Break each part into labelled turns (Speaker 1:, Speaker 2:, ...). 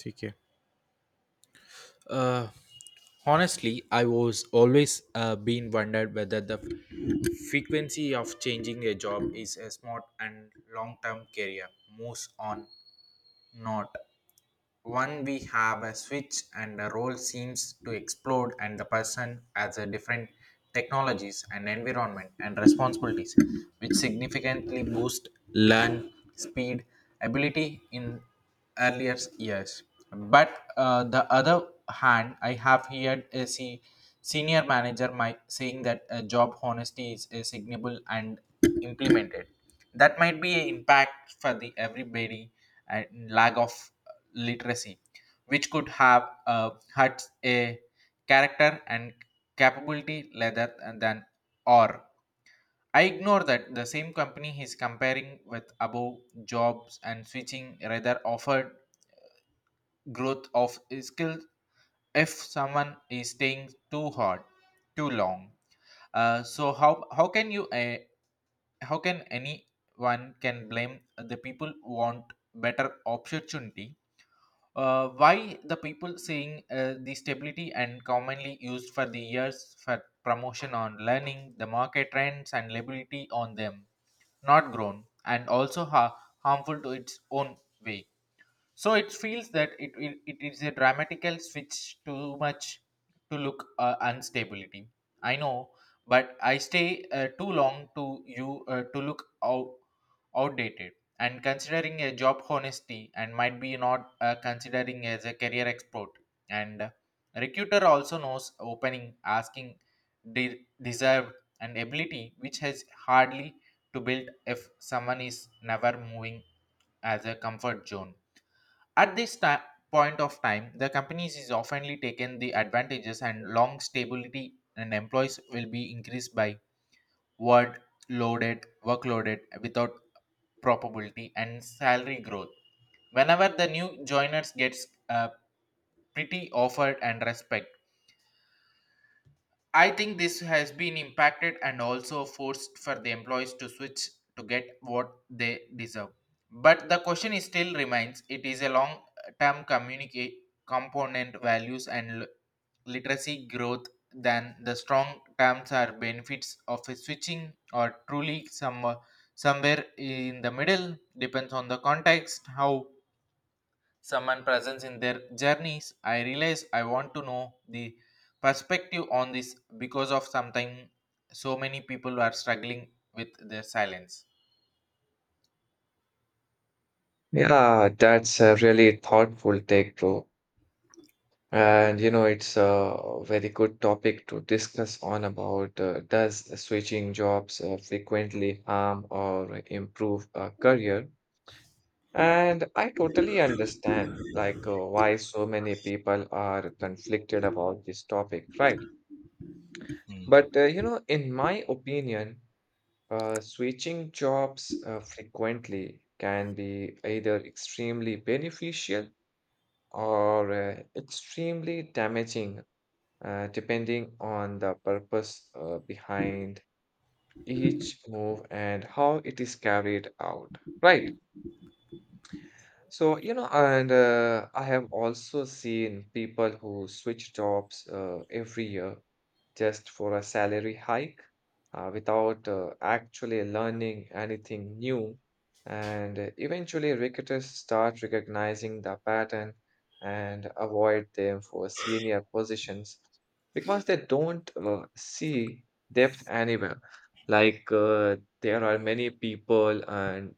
Speaker 1: ठीक है uh, honestly I was always been wondered whether the frequency of changing a job is a smart and long term career moves on not one we have a switch and the role seems to explode and the person has a different technologies and environment and responsibilities which significantly boost learn speed ability in earlier years. But the other hand, I have heard a senior manager might saying that job honesty is signable and implemented. That might be an impact for the everybody and lack of literacy, which could have had a character and capability rather than or. I ignore that the same company is comparing with above jobs and switching rather offered growth of skills if someone is staying too hard, too long. So how can you how can anyone can blame the people who want better opportunity, why the people saying the stability and commonly used for the years for promotion on learning, the market trends and liability on them, not grown, and also harmful to its own way. So it feels that it is a dramatical switch too much to look instability. I know, but I stay too long to you to look out, outdated. And considering a job honesty and might be not considering as a career export. And recruiter also knows opening, asking, deserved and ability which has hardly to build if someone is never moving as a comfort zone at this time, point of time, the companies is oftenly taken the advantages and long stability and employees will be increased by word loaded, workloaded without probability and salary growth. Whenever the new joiners gets pretty offered and respect I think this has been impacted and also forced for the employees to switch to get what they deserve. But the question is still remains it is a long term communicate component values and literacy growth than the strong terms or benefits of a switching or truly some somewhere in the middle depends on the context how someone presence in their journeys I realize I want to know the perspective on this because of something so many people are struggling with their silence.
Speaker 2: Yeah, that's a really thoughtful take bro. And it's a very good topic to discuss on about does switching jobs frequently harm or improve a career? And I totally understand like why so many people are conflicted about this topic, right? But in my opinion, switching jobs frequently can be either extremely beneficial or extremely damaging, depending on the purpose behind each move and how it is carried out. Right. So, you know, and I have also seen people who switch jobs every year just for a salary hike without actually learning anything new. And eventually, recruiters start recognizing the pattern and avoid them for senior positions because they don't see depth anywhere. Like, there are many people and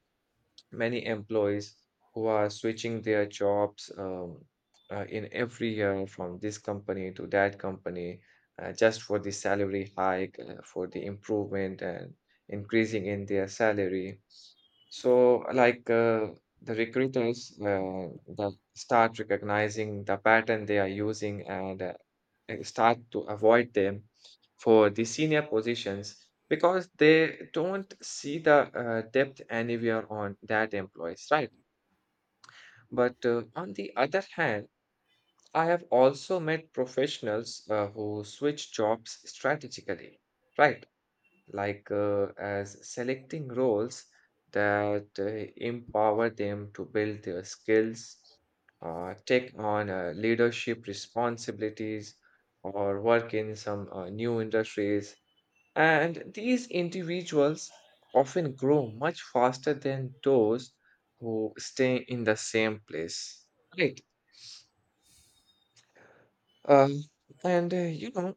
Speaker 2: many employees who are switching their jobs in every year from this company to that company just for the salary hike, for the improvement and increasing in their salary. So, like the recruiters that start recognizing the pattern they are using and start to avoid them for the senior positions because they don't see the depth anywhere on that employees, right? But on the other hand, I have also met professionals who switch jobs strategically, right? Like as selecting roles that empower them to build their skills, take on leadership responsibilities, or work in some new industries and these individuals often grow much faster than those who stay in the same place. Right. Um, and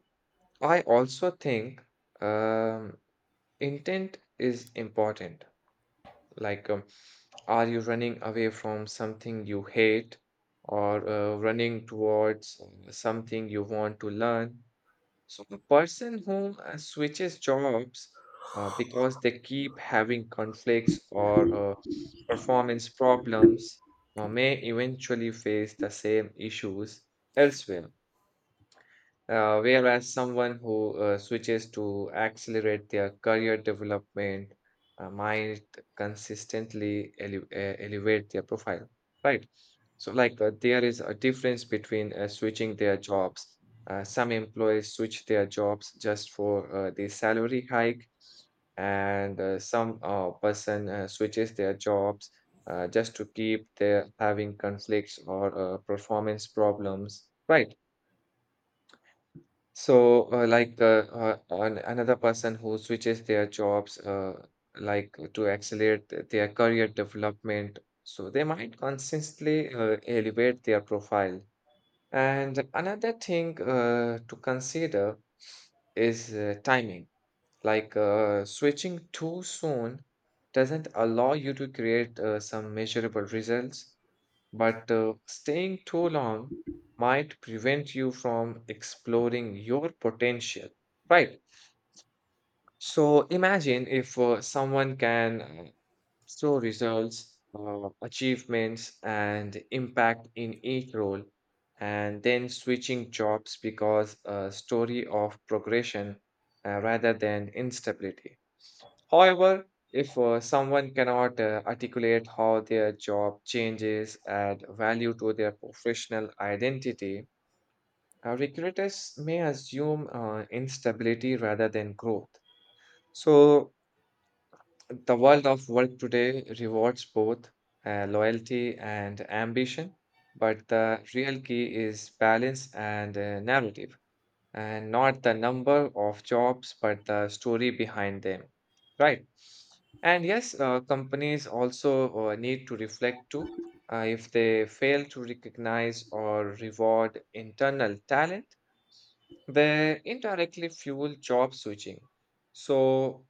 Speaker 2: I also think um, intent is important. Like, are you running away from something you hate or running towards something you want to learn? So the person who switches jobs because they keep having conflicts or performance problems may eventually face the same issues elsewhere. Whereas someone who switches to accelerate their career development might consistently elevate their profile, right? So, like, there is a difference between switching their jobs. Some employees switch their jobs just for the salary hike, and some person switches their jobs just to keep their having conflicts or performance problems, right? So, like another person who switches their jobs, like to accelerate their career development, so they might consistently elevate their profile. And another thing to consider is timing. Like switching too soon doesn't allow you to create some measurable results. But staying too long might prevent you from exploring your potential, right? So imagine if someone can show results, achievements, and impact in each role, and then switching jobs because a story of progression rather than instability. However, if someone cannot articulate how their job changes add value to their professional identity, recruiters may assume instability rather than growth. So, the world of work today rewards both loyalty and ambition, but the real key is balance and narrative and not the number of jobs, but the story behind them, right? And yes, companies also need to reflect too. If they fail to recognize or reward internal talent, they indirectly fuel job switching. So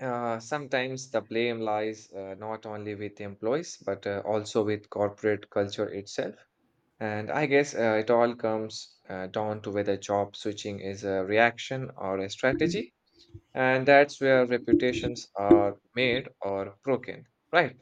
Speaker 2: sometimes the blame lies not only with employees, but also with corporate culture itself. And I guess it all comes down to whether job switching is a reaction or a strategy. And that's where reputations are made or broken, right?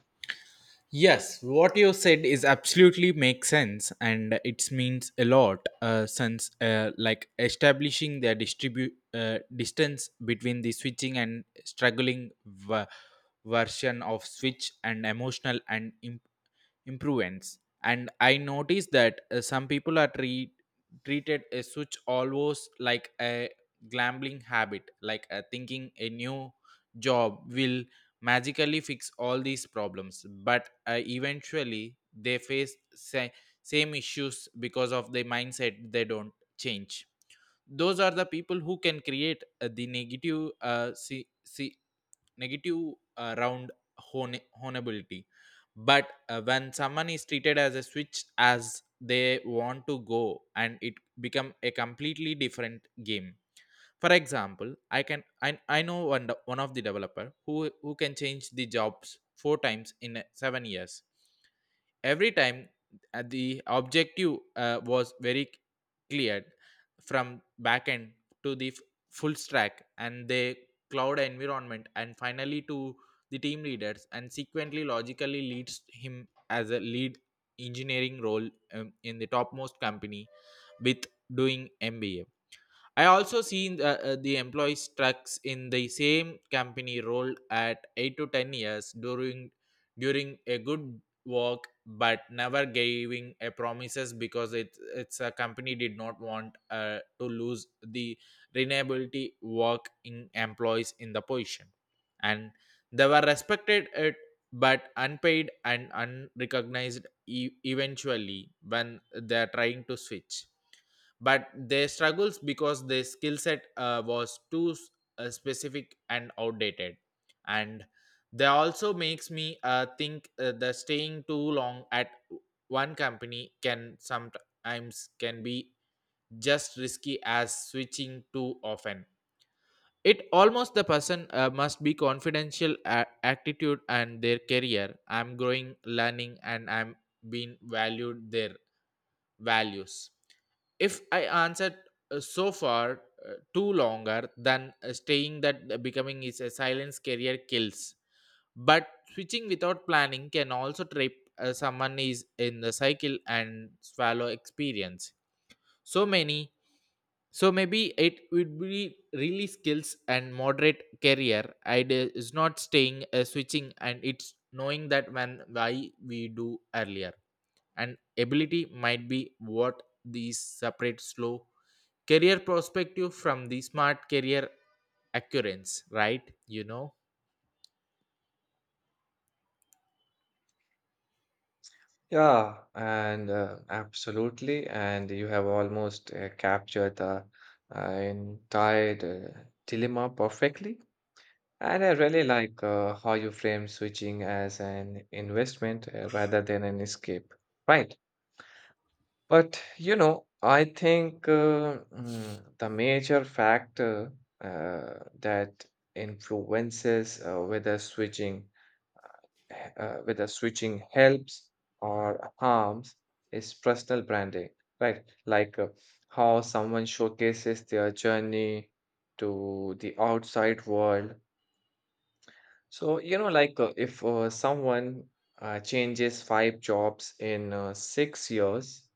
Speaker 1: Yes, what you said is absolutely makes sense, and it means a lot. Since like establishing the distribute distance between the switching and struggling version of switch and emotional and improvements. And I noticed that some people are treated a switch almost like a gambling habit, like thinking a new job will magically fix all these problems but eventually they face same issues because of the mindset they don't change, those are the people who can create the negative see, see negative round honeability but when someone is treated as a switch as they want to go and it become a completely different game. For example, I know one, one of the developer who can change the jobs 4 times in 7 years. Every time the objective was very cleared, from backend to the full stack and the cloud environment and finally to the team leaders and sequently logically leads him as a lead engineering role in the topmost company with doing MBA. I also seen the employees trucks in the same company rolled at 8 to 10 years during a good work but never giving a promises because it's a company did not want to lose the renewability work in employees in the position and they were respected it but unpaid and unrecognized, eventually when they're trying to switch but they struggles because their skill set was too specific and outdated, and that also makes me think that staying too long at one company can sometimes can be just risky as switching too often. It almost the person must be confidential attitude and their career I'm growing learning and I'm being valued their values if I answered so far too longer than staying that becoming is a silence career kills, but switching without planning can also trip someone is in the cycle and swallow experience so many. So maybe it would be really skills and moderate career idea is not staying switching and it's knowing that when why we do earlier and ability might be what these separate slow career perspective from the smart career accurance, right? You know.
Speaker 2: Yeah, and absolutely. And you have almost captured the entire uh, dilemma perfectly. And I really like how you frame switching as an investment rather than an escape, right? But I think the major factor uh, that influences whether switching helps or harms is personal branding, right? Like how someone showcases their journey to the outside world. So like if someone changes five jobs in 6 years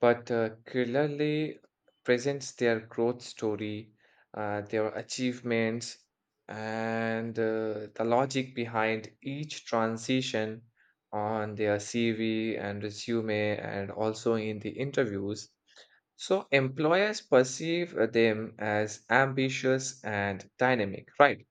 Speaker 2: but clearly presents their growth story, their achievements, and the logic behind each transition on their CV and resume, and also in the interviews. So, employers perceive them as ambitious and dynamic, right?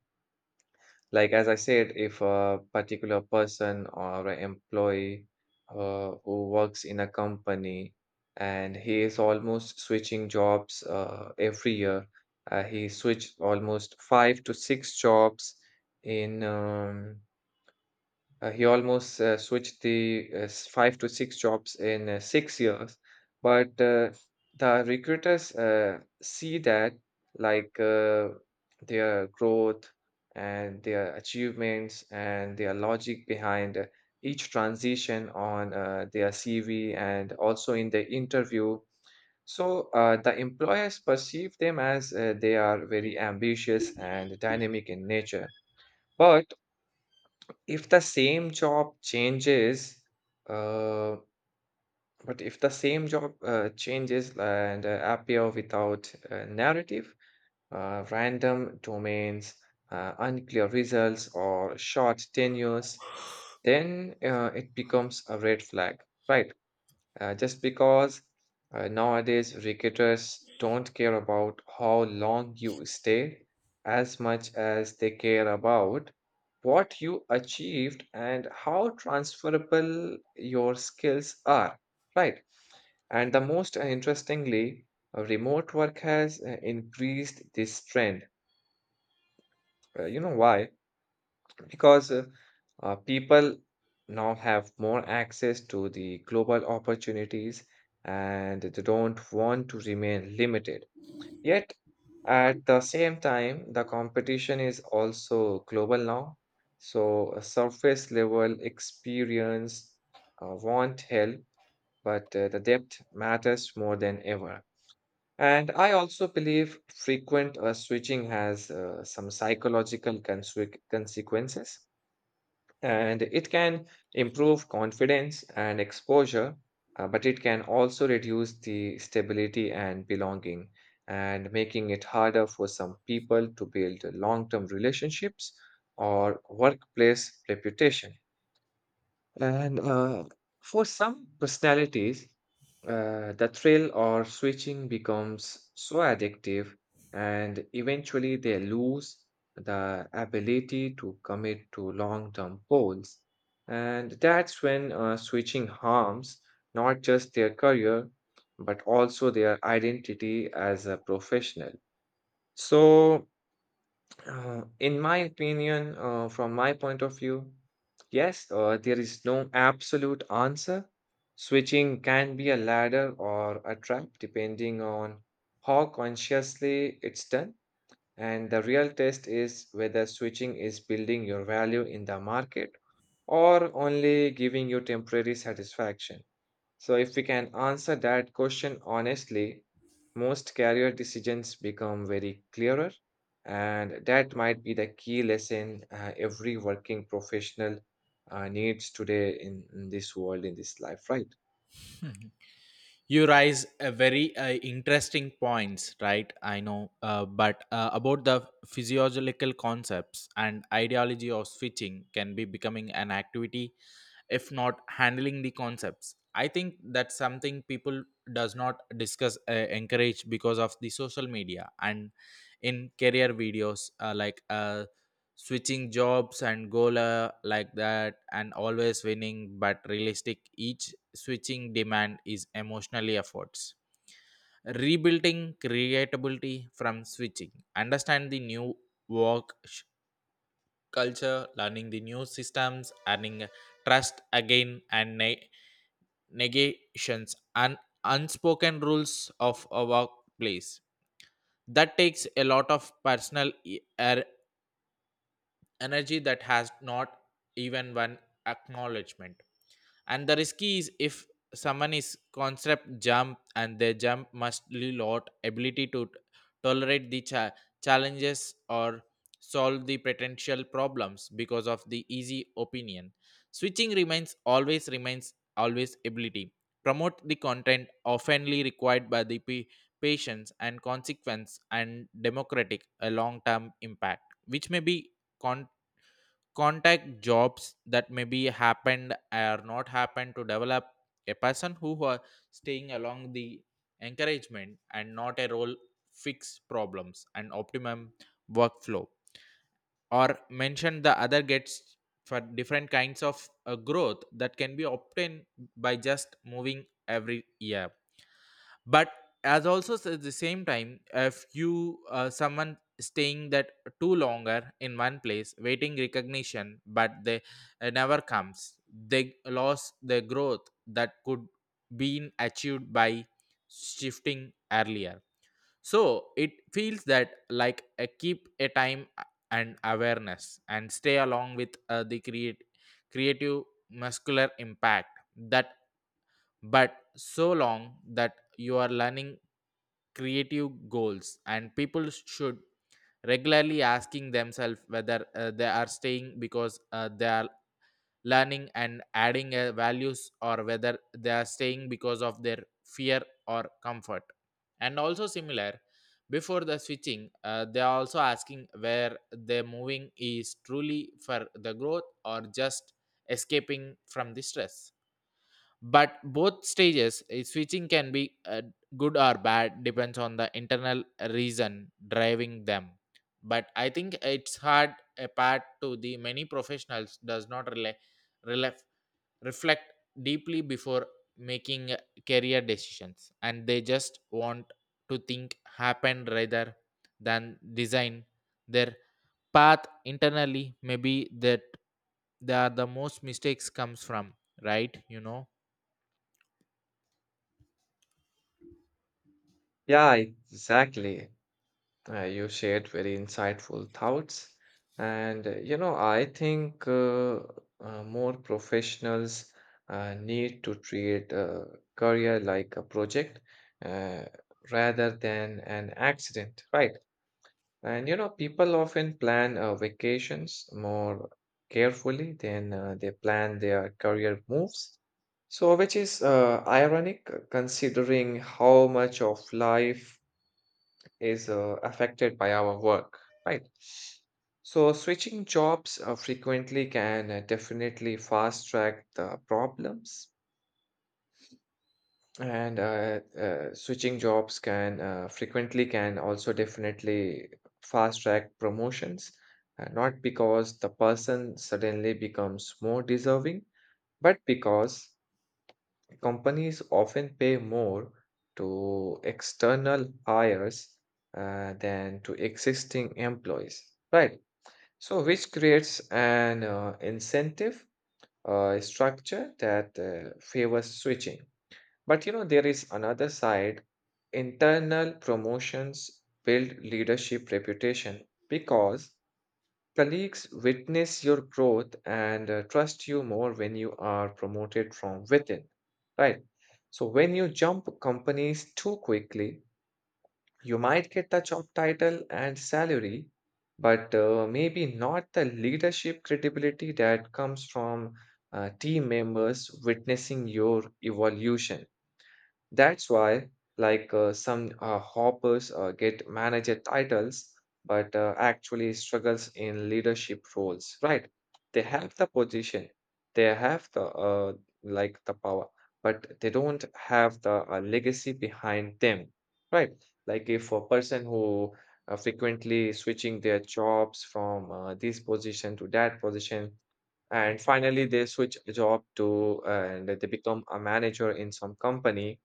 Speaker 2: Like as I said, if a particular person or an employee who works in a company and he is almost switching jobs every year, he switched almost five to six jobs in he almost switched the five to six jobs in 6 years. But the recruiters see that, like their growth and their achievements and their logic behind each transition on their CV and also in the interview. So the employers perceive them as they are very ambitious and dynamic in nature. But if the same job changes, uh, but if the same job changes and appear without narrative, random domains, unclear results, or short tenures, then it becomes a red flag, right? Just because nowadays cricketers don't care about how long you stay as much as they care about what you achieved and how transferable your skills are, right? And the most interestingly remote work has increased this trend. You know why? Because people now have more access to the global opportunities and they don't want to remain limited. Yet, at the same time, the competition is also global now. So, a surface level experience won't help, but the depth matters more than ever. And I also believe frequent switching has some psychological consequences and it can improve confidence and exposure, but it can also reduce the stability and belonging, and making it harder for some people to build long term relationships or workplace reputation. And for some personalities, the thrill or switching becomes so addictive, and eventually they lose the ability to commit to long-term goals. And that's when switching harms not just their career, but also their identity as a professional. So, in my opinion, from my point of view, yes, there is no absolute answer. Switching can be a ladder or a trap depending on how consciously it's done. And the real test is whether switching is building your value in the market or only giving you temporary satisfaction. So, if we can answer that question honestly, most career decisions become very clearer, and that might be the key lesson every working professional needs today in this world, in this life, right?
Speaker 1: You raise a very interesting points, right? I know but about the physiological concepts and ideology of switching can be becoming an activity if not handling the concepts, I think that's something people does not discuss encourage because of the social media and in career videos like switching jobs and goal like that and always winning but realistic each switching demand is emotionally efforts, rebuilding creatability from switching understand the new work sh- culture, learning the new systems, earning trust again and negations and unspoken rules of a workplace. That takes a lot of personal energy that has not even one acknowledgement. And the risky is if someone is concept jump and their jump must be lot ability to tolerate the challenges or solve the potential problems because of the easy opinion, switching remains always ability promote the content oftenly required by the patience and consequence and democratic a long term impact which may be con contact jobs that maybe happened or not happened to develop a person who are staying along the encouragement and not a role fix problems and optimum workflow or mention the other gets for different kinds of growth that can be obtained by just moving every year. But as also at the same time if you someone staying that too longer in one place waiting recognition but they never comes they lost the growth that could been achieved by shifting earlier. So it feels that like a keep a time and awareness and stay along with the create creative muscular impact that, but so long that you are learning creative goals and people should regularly asking themselves whether they are staying because they are learning and adding values or whether they are staying because of their fear or comfort. And also similar before the switching they are also asking where their moving is truly for the growth or just escaping from the stress. But both stages switching can be good or bad depends on the internal reason driving them. But I think it's hard a part to the many professionals does not rely, rely reflect deeply before making career decisions and they just want to think happen rather than design their path internally, maybe that they are the most mistakes comes from, right? You know.
Speaker 2: Yeah, exactly. You shared very insightful thoughts. And I think more professionals need to treat a career like a project uh, rather than an accident, right? And people often plan vacations more carefully than they plan their career moves. So, which is ironic considering how much of life is affected by our work, right? So, switching jobs frequently can definitely fast track the problems, and switching jobs can frequently can also definitely fast track promotions, not because the person suddenly becomes more deserving, but because companies often pay more to external hires than to existing employees, right? So, which creates an incentive structure that favors switching. But there is another side. Internal promotions build leadership reputation because colleagues witness your growth and trust you more when you are promoted from within, right? So, when you jump companies too quickly, you might get the job title and salary, but maybe not the leadership credibility that comes from team members witnessing your evolution. That's why, like some hoppers get manager titles, but actually struggles in leadership roles, right? They have the position, they have the like the power, but they don't have the legacy behind them, right? Like if a person who frequently switching their jobs from this position to that position, and finally they switch a job to and they become a manager in some company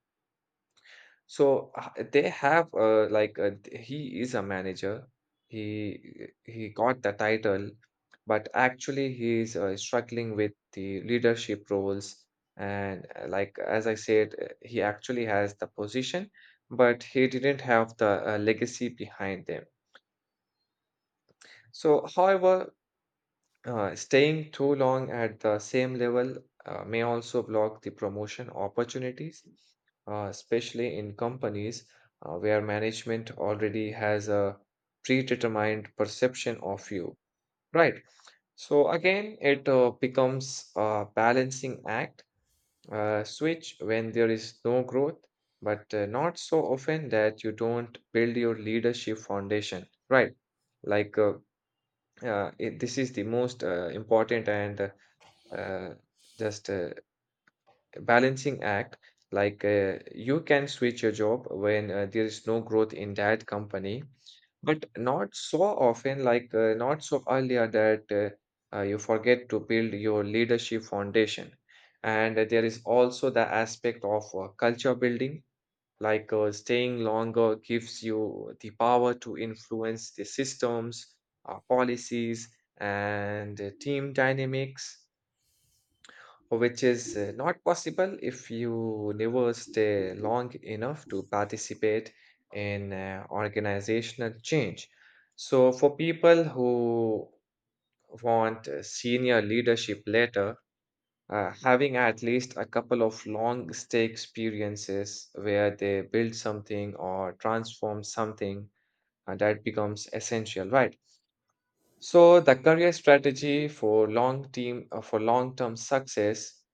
Speaker 2: so they have like he is a manager. He got the title, but actually he is struggling with the leadership roles. And like as I said, he actually has the position, but he didn't have the legacy behind them. So, however, staying too long at the same level may also block the promotion opportunities, especially in companies where management already has a predetermined perception of you. Right. So again, it becomes a balancing act, switch when there is no growth, but not so often that you don't build your leadership foundation. Right. Like uh, this is the most important and uh, just a balancing act. Like you can switch your job when there is no growth in that company, but not so often, like not so earlier that you forget to build your leadership foundation. And there is also the aspect of culture building, like staying longer gives you the power to influence the systems, policies, and team dynamics which is not possible if you never stay long enough to participate in organizational change. So, for people who want senior leadership later, having at least a couple of long stay experiences where they build something or transform something, that becomes essential, right? So the career strategy for long team for long-term success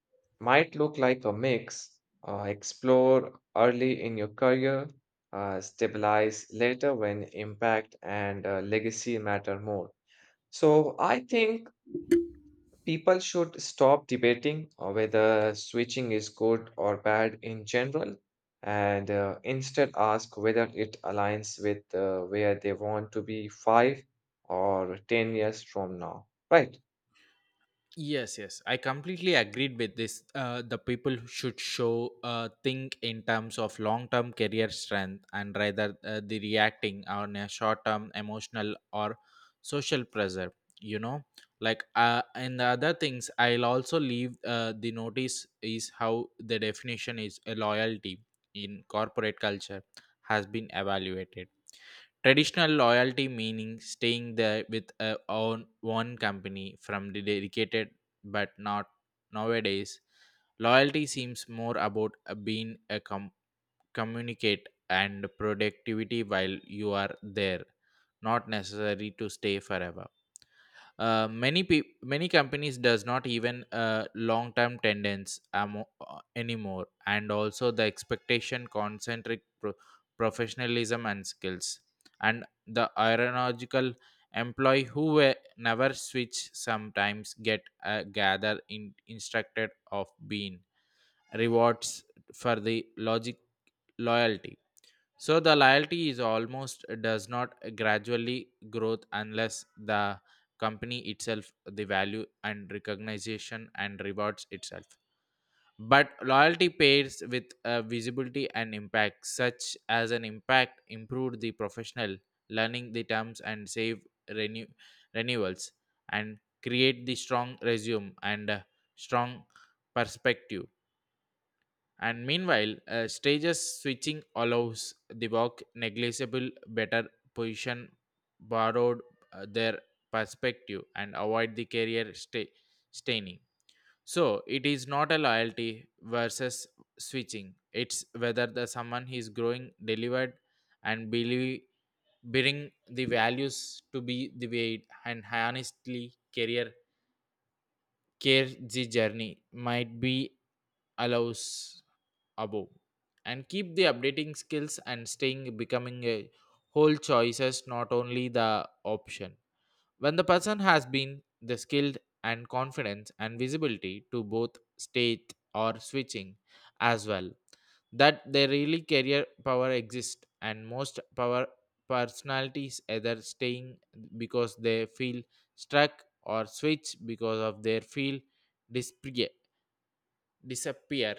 Speaker 2: might look like a mix. Explore early in your career, stabilize later when impact and legacy matter more. So I think people should stop debating whether switching is good or bad in general, and instead ask whether it aligns with where they want to be five or 10 years from now. Right.
Speaker 1: Yes, yes, I completely agreed with this. The people should show think in terms of long-term career strength and rather the reacting on a short-term emotional or social pressure. You know, like and the other things I'll also leave the notice is how the definition is a loyalty in corporate culture has been evaluated. Traditional loyalty meaning staying there with a own one company from the dedicated but not nowadays. Loyalty seems more about being a communicate and productivity while you are there, not necessary to stay forever. Many companies does not even long term tenants anymore and also the expectation concentric professionalism and skills, and the aeronautical employee who were never switch sometimes get gather in instructed of being rewards for the logic loyalty. So the loyalty is almost does not gradually growth unless the company itself the value and recognition and rewards itself. But loyalty pairs with visibility and impact, such as an impact improved the professional learning the terms and save renew renewals and create the strong resume and strong perspective. And meanwhile, stages switching allows the walk negligible better position borrowed their perspective and avoid the career staining. So it is not a loyalty versus switching. It's whether the someone is growing delivered and believe bring the values to be the way, and honestly career care the journey might be allows above, and keep the updating skills and staying becoming a whole choices not only the option when the person has been the skilled and confidence and visibility to both state or switching as well, that they really career power exists. And most power personalities either staying because they feel struck or switch because of their feel disappear.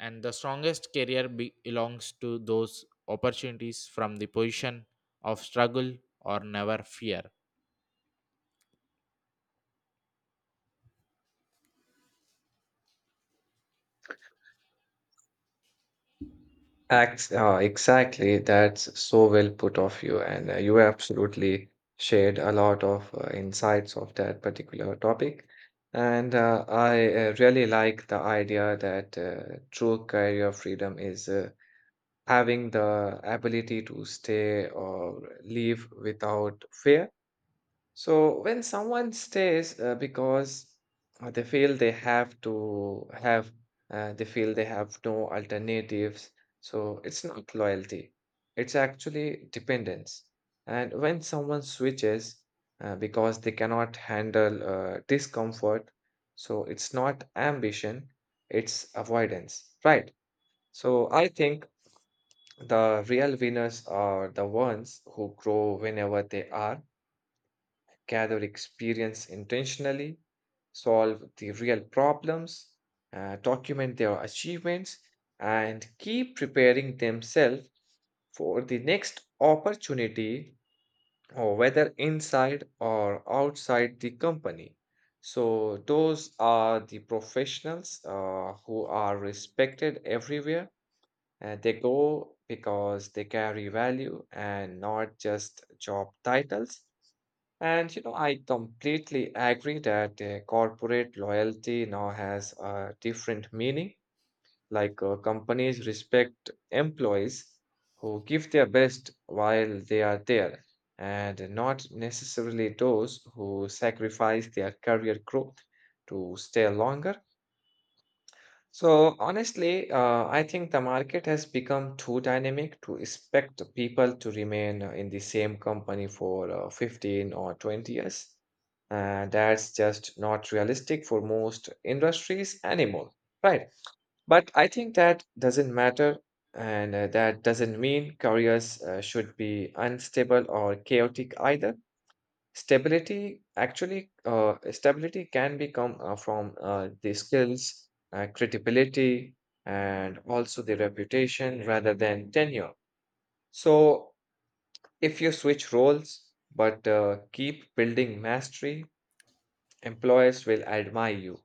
Speaker 1: And the strongest career belongs to those opportunities from the position of struggle or never fear.
Speaker 2: Exactly. That's so well put of you. And you absolutely shared a lot of insights of that particular topic. And I really like the idea that true career freedom is having the ability to stay or leave without fear. So when someone stays because they feel they have to have, they feel they have no alternatives. So it's not loyalty, it's actually dependence. And when someone switches because they cannot handle discomfort, so it's not ambition, it's avoidance, right? So I think the real winners are the ones who grow whenever they are, gather experience intentionally, solve the real problems, document their achievements, and keep preparing themselves for the next opportunity, or whether inside or outside the company. So, those are the professionals who are respected everywhere they go because they carry value and not just job titles. And you know, I completely agree that corporate loyalty now has a different meaning. Like companies respect employees who give their best while they are there, and not necessarily those who sacrifice their career growth to stay longer. So honestly, I think the market has become too dynamic to expect people to remain in the same company for 15 or 20 years. And that's just not realistic for most industries anymore, right? But I think that doesn't matter, and that doesn't mean careers should be unstable or chaotic either. Stability can become from the skills, credibility, and also the reputation rather than tenure. So, if you switch roles but keep building mastery, employers will admire you.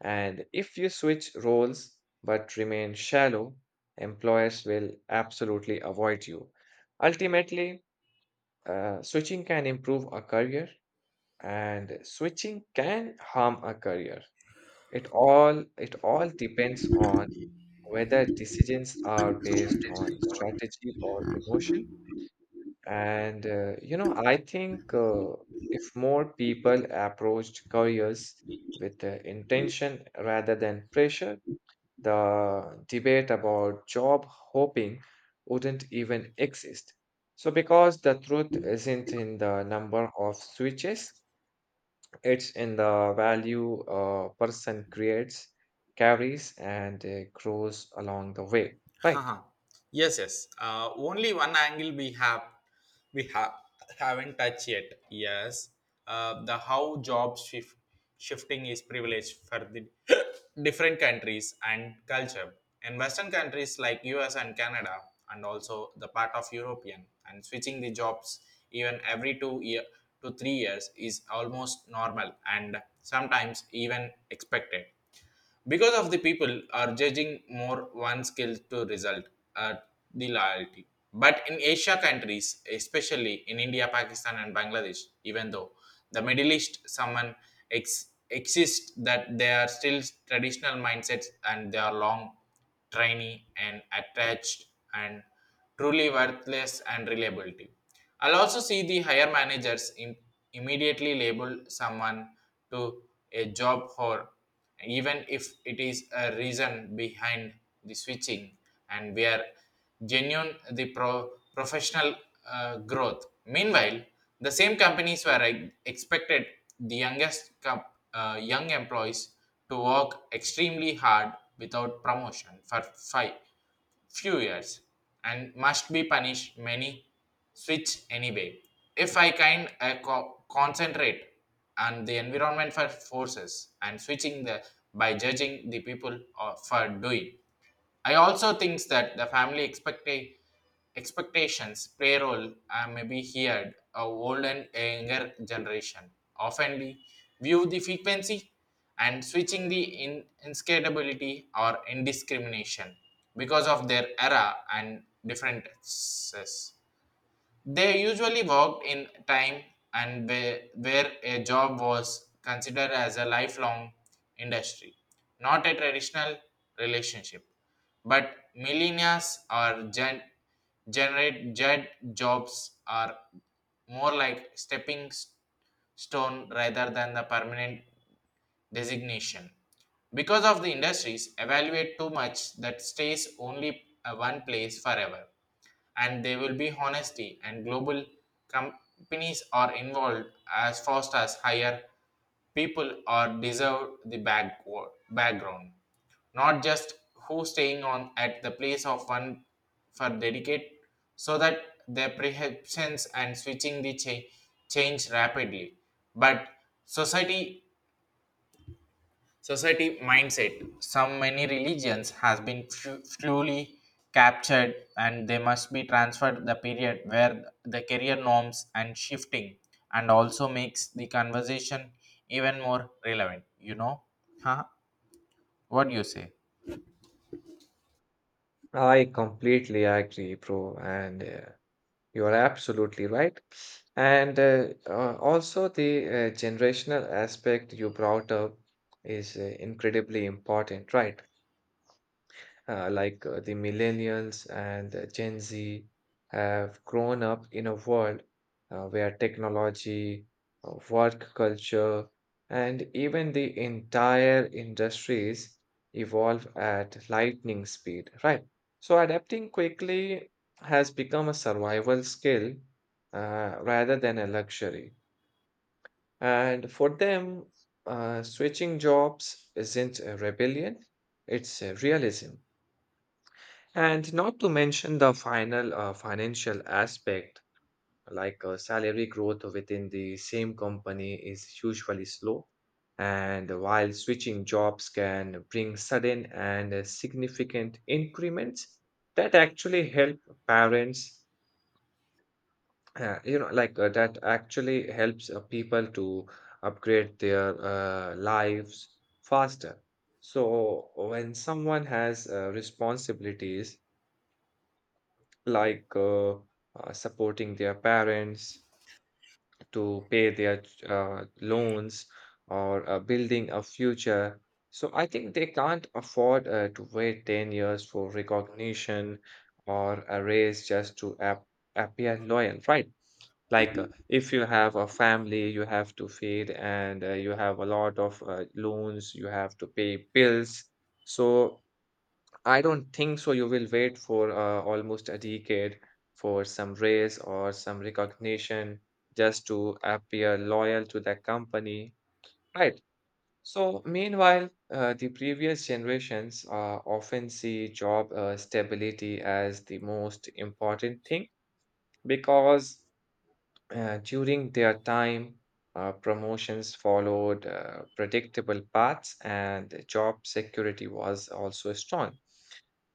Speaker 2: And if you switch roles but remain shallow, employers will absolutely avoid you. Ultimately, switching can improve a career and switching can harm a career. It all depends on whether decisions are based on strategy or emotion. And you know, I think if more people approached careers with intention rather than pressure, the debate about job hopping wouldn't even exist. So, because the truth isn't in the number of switches, it's in the value a person creates, carries, and grows along the way. Right.
Speaker 1: Haha. Yes, yes. Only one angle we have haven't touched yet. Yes, the how job shifting is privileged for the different countries and culture. In Western countries like U.S. and Canada, and also the part of European, and switching the jobs even every 2 year to 3 years is almost normal and sometimes even expected because of the people are judging more one skill to result at the loyalty, but in Asia countries, especially in India, Pakistan and Bangladesh, even though the Middle East someone exists that they are still traditional mindsets and they are long trainee, and attached and truly worthless and reliability. I'll also see the higher managers immediately label someone to a job whore, even if it is a reason behind the switching, and we are genuine the professional growth. Meanwhile, the same companies were expected the youngest young employees to work extremely hard without promotion for five few years and must be punished many switch anyway if I can concentrate on the environment for forces and switching the by judging the people for doing. I also thinks that the family expectations play a role, maybe here a old and younger generation often view the frequency and switching the inscalability or indiscrimination because of their era and differences. They usually worked in time and where a job was considered as a lifelong industry, not a traditional relationship. But millennials or generate jet jobs are more like stepping stone rather than the permanent designation. Because of the industries evaluate too much that stays only one place forever, and there will be honesty and global companies are involved as fast as higher people are deserve the background, not just who staying on at the place of one for dedicate, so that their perceptions and switching the change rapidly, but society society mindset some many religions has been fully captured and they must be transferred the period where the career norms and shifting and also makes the conversation even more relevant. Huh? What do you say?
Speaker 2: I completely agree, bro. And you are absolutely right. And also, the generational aspect you brought up is incredibly important, right? Like the millennials and Gen Z have grown up in a world where technology, work culture, and even the entire industries evolve at lightning speed, right? So adapting quickly has become a survival skill rather than a luxury. And for them, switching jobs isn't a rebellion, it's a realism. And not to mention the final financial aspect, like salary growth within the same company is usually slow. And while switching jobs can bring sudden and significant increments, that actually help parents, you know, like that actually helps people to upgrade their lives faster. So when someone has responsibilities, like supporting their parents to pay their loans or building a future. So I think they can't afford to wait 10 years for recognition or a raise just to appear loyal, right? Like if you have a family you have to feed and you have a lot of loans you have to pay bills. So I don't think so. You will wait for almost a decade for some raise or some recognition just to appear loyal to the company, right? So, meanwhile, the previous generations often see job stability as the most important thing because during their time, promotions followed predictable paths and job security was also strong.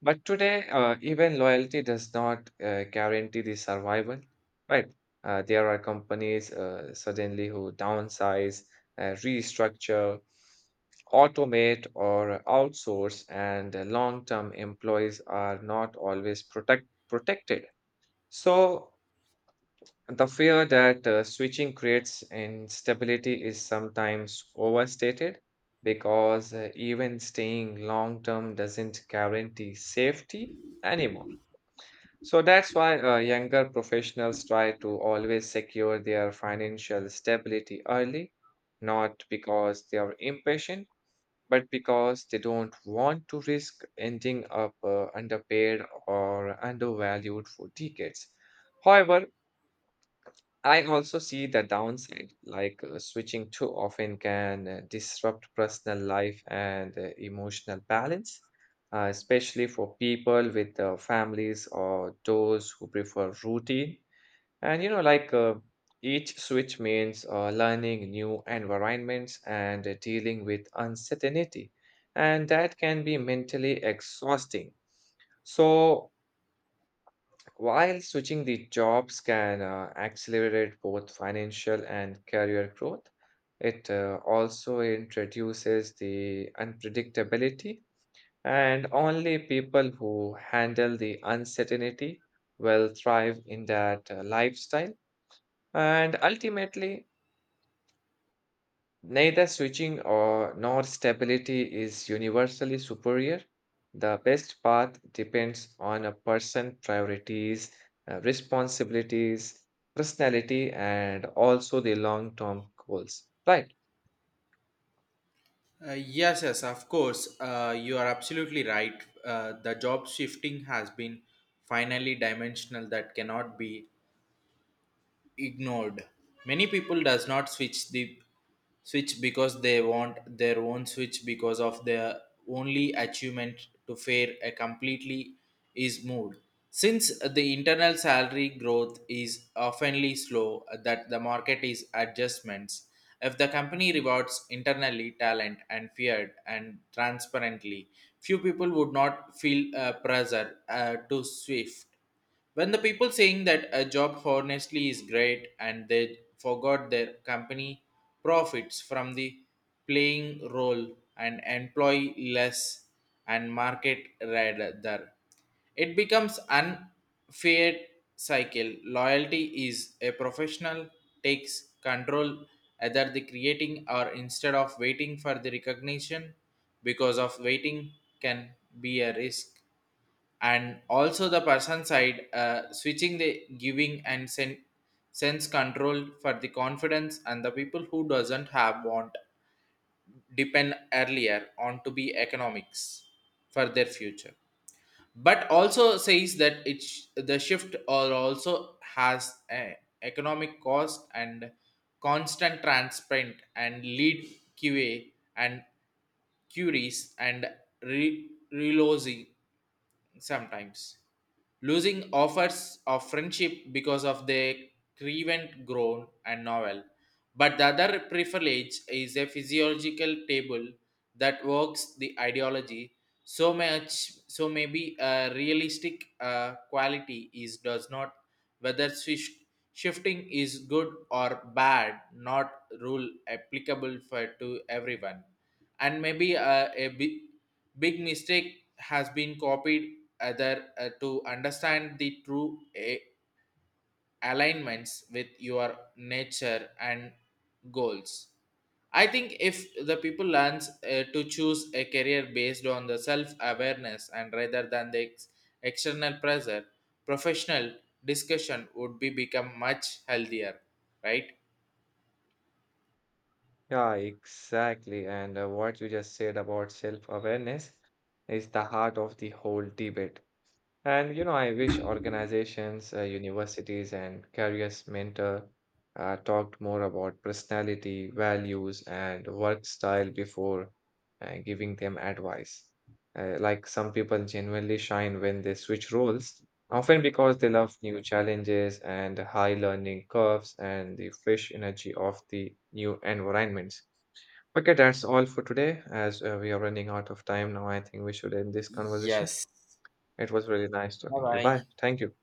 Speaker 2: But today, even loyalty does not guarantee the survival, right? There are companies suddenly who downsize, restructure, automate, or outsource, and long term employees are not always protected. So, the fear that switching creates instability is sometimes overstated because even staying long term doesn't guarantee safety anymore. So that's why younger professionals try to always secure their financial stability early, not because they are impatient, but because they don't want to risk ending up underpaid or undervalued for decades. However, I also see the downside, like switching too often can disrupt personal life and emotional balance, especially for people with families or those who prefer routine. And you know, like each switch means learning new environments and dealing with uncertainty, and that can be mentally exhausting. So, while switching the jobs can accelerate both financial and career growth, it also introduces the unpredictability, and only people who handle the uncertainty will thrive in that lifestyle. And ultimately, neither switching or nor stability is universally superior. The best path depends on a person's priorities, responsibilities, personality, and also the long-term goals. Right.
Speaker 1: Uh, yes, yes, of course. You are absolutely right. The job shifting has been finally dimensional that cannot be ignored. Many people does not switch the switch because they want their own switch because of their only achievement to fare a completely is moved. Since the internal salary growth is oftenly slow, that the market is adjustments. If the company rewards internally talent and feared and transparently, few people would not feel pressure to swift. When the people saying that a job honestly is great and they forgot their company profits from the playing role and employ less and market rather, it becomes unfair cycle. Loyalty is a professional takes control either the creating or instead of waiting for the recognition because of waiting can be a risk, and also the person side switching the giving and sense control for the confidence and the people who doesn't have want depend earlier on to be economics for their future, but also says that it's the shift or also has a economic cost and constant transparent and lead qa and queries and reloading sometimes losing offers of friendship because of the grievant grown and novel. But the other privilege is a physiological table that works the ideology so much, so maybe a realistic quality is does not whether shifting is good or bad not rule applicable for to everyone, and maybe a big, big mistake has been copied other to understand the true alignments with your nature and goals. I think if the people learns to choose a career based on the self awareness and rather than the external pressure professional discussion would be become much healthier, right?
Speaker 2: Yeah, exactly. And what you just said about self-awareness is the heart of the whole debate. And you know, I wish organizations, universities, and careers mentor talked more about personality, values, and work style before giving them advice. Like some people genuinely shine when they switch roles, often because they love new challenges and high learning curves and the fresh energy of the new environments. Okay, that's all for today. As we are running out of time now, I think we should end this conversation.
Speaker 1: Yes.
Speaker 2: It was really nice
Speaker 1: Bye
Speaker 2: talking to you. Bye.
Speaker 1: bye.
Speaker 2: Thank you.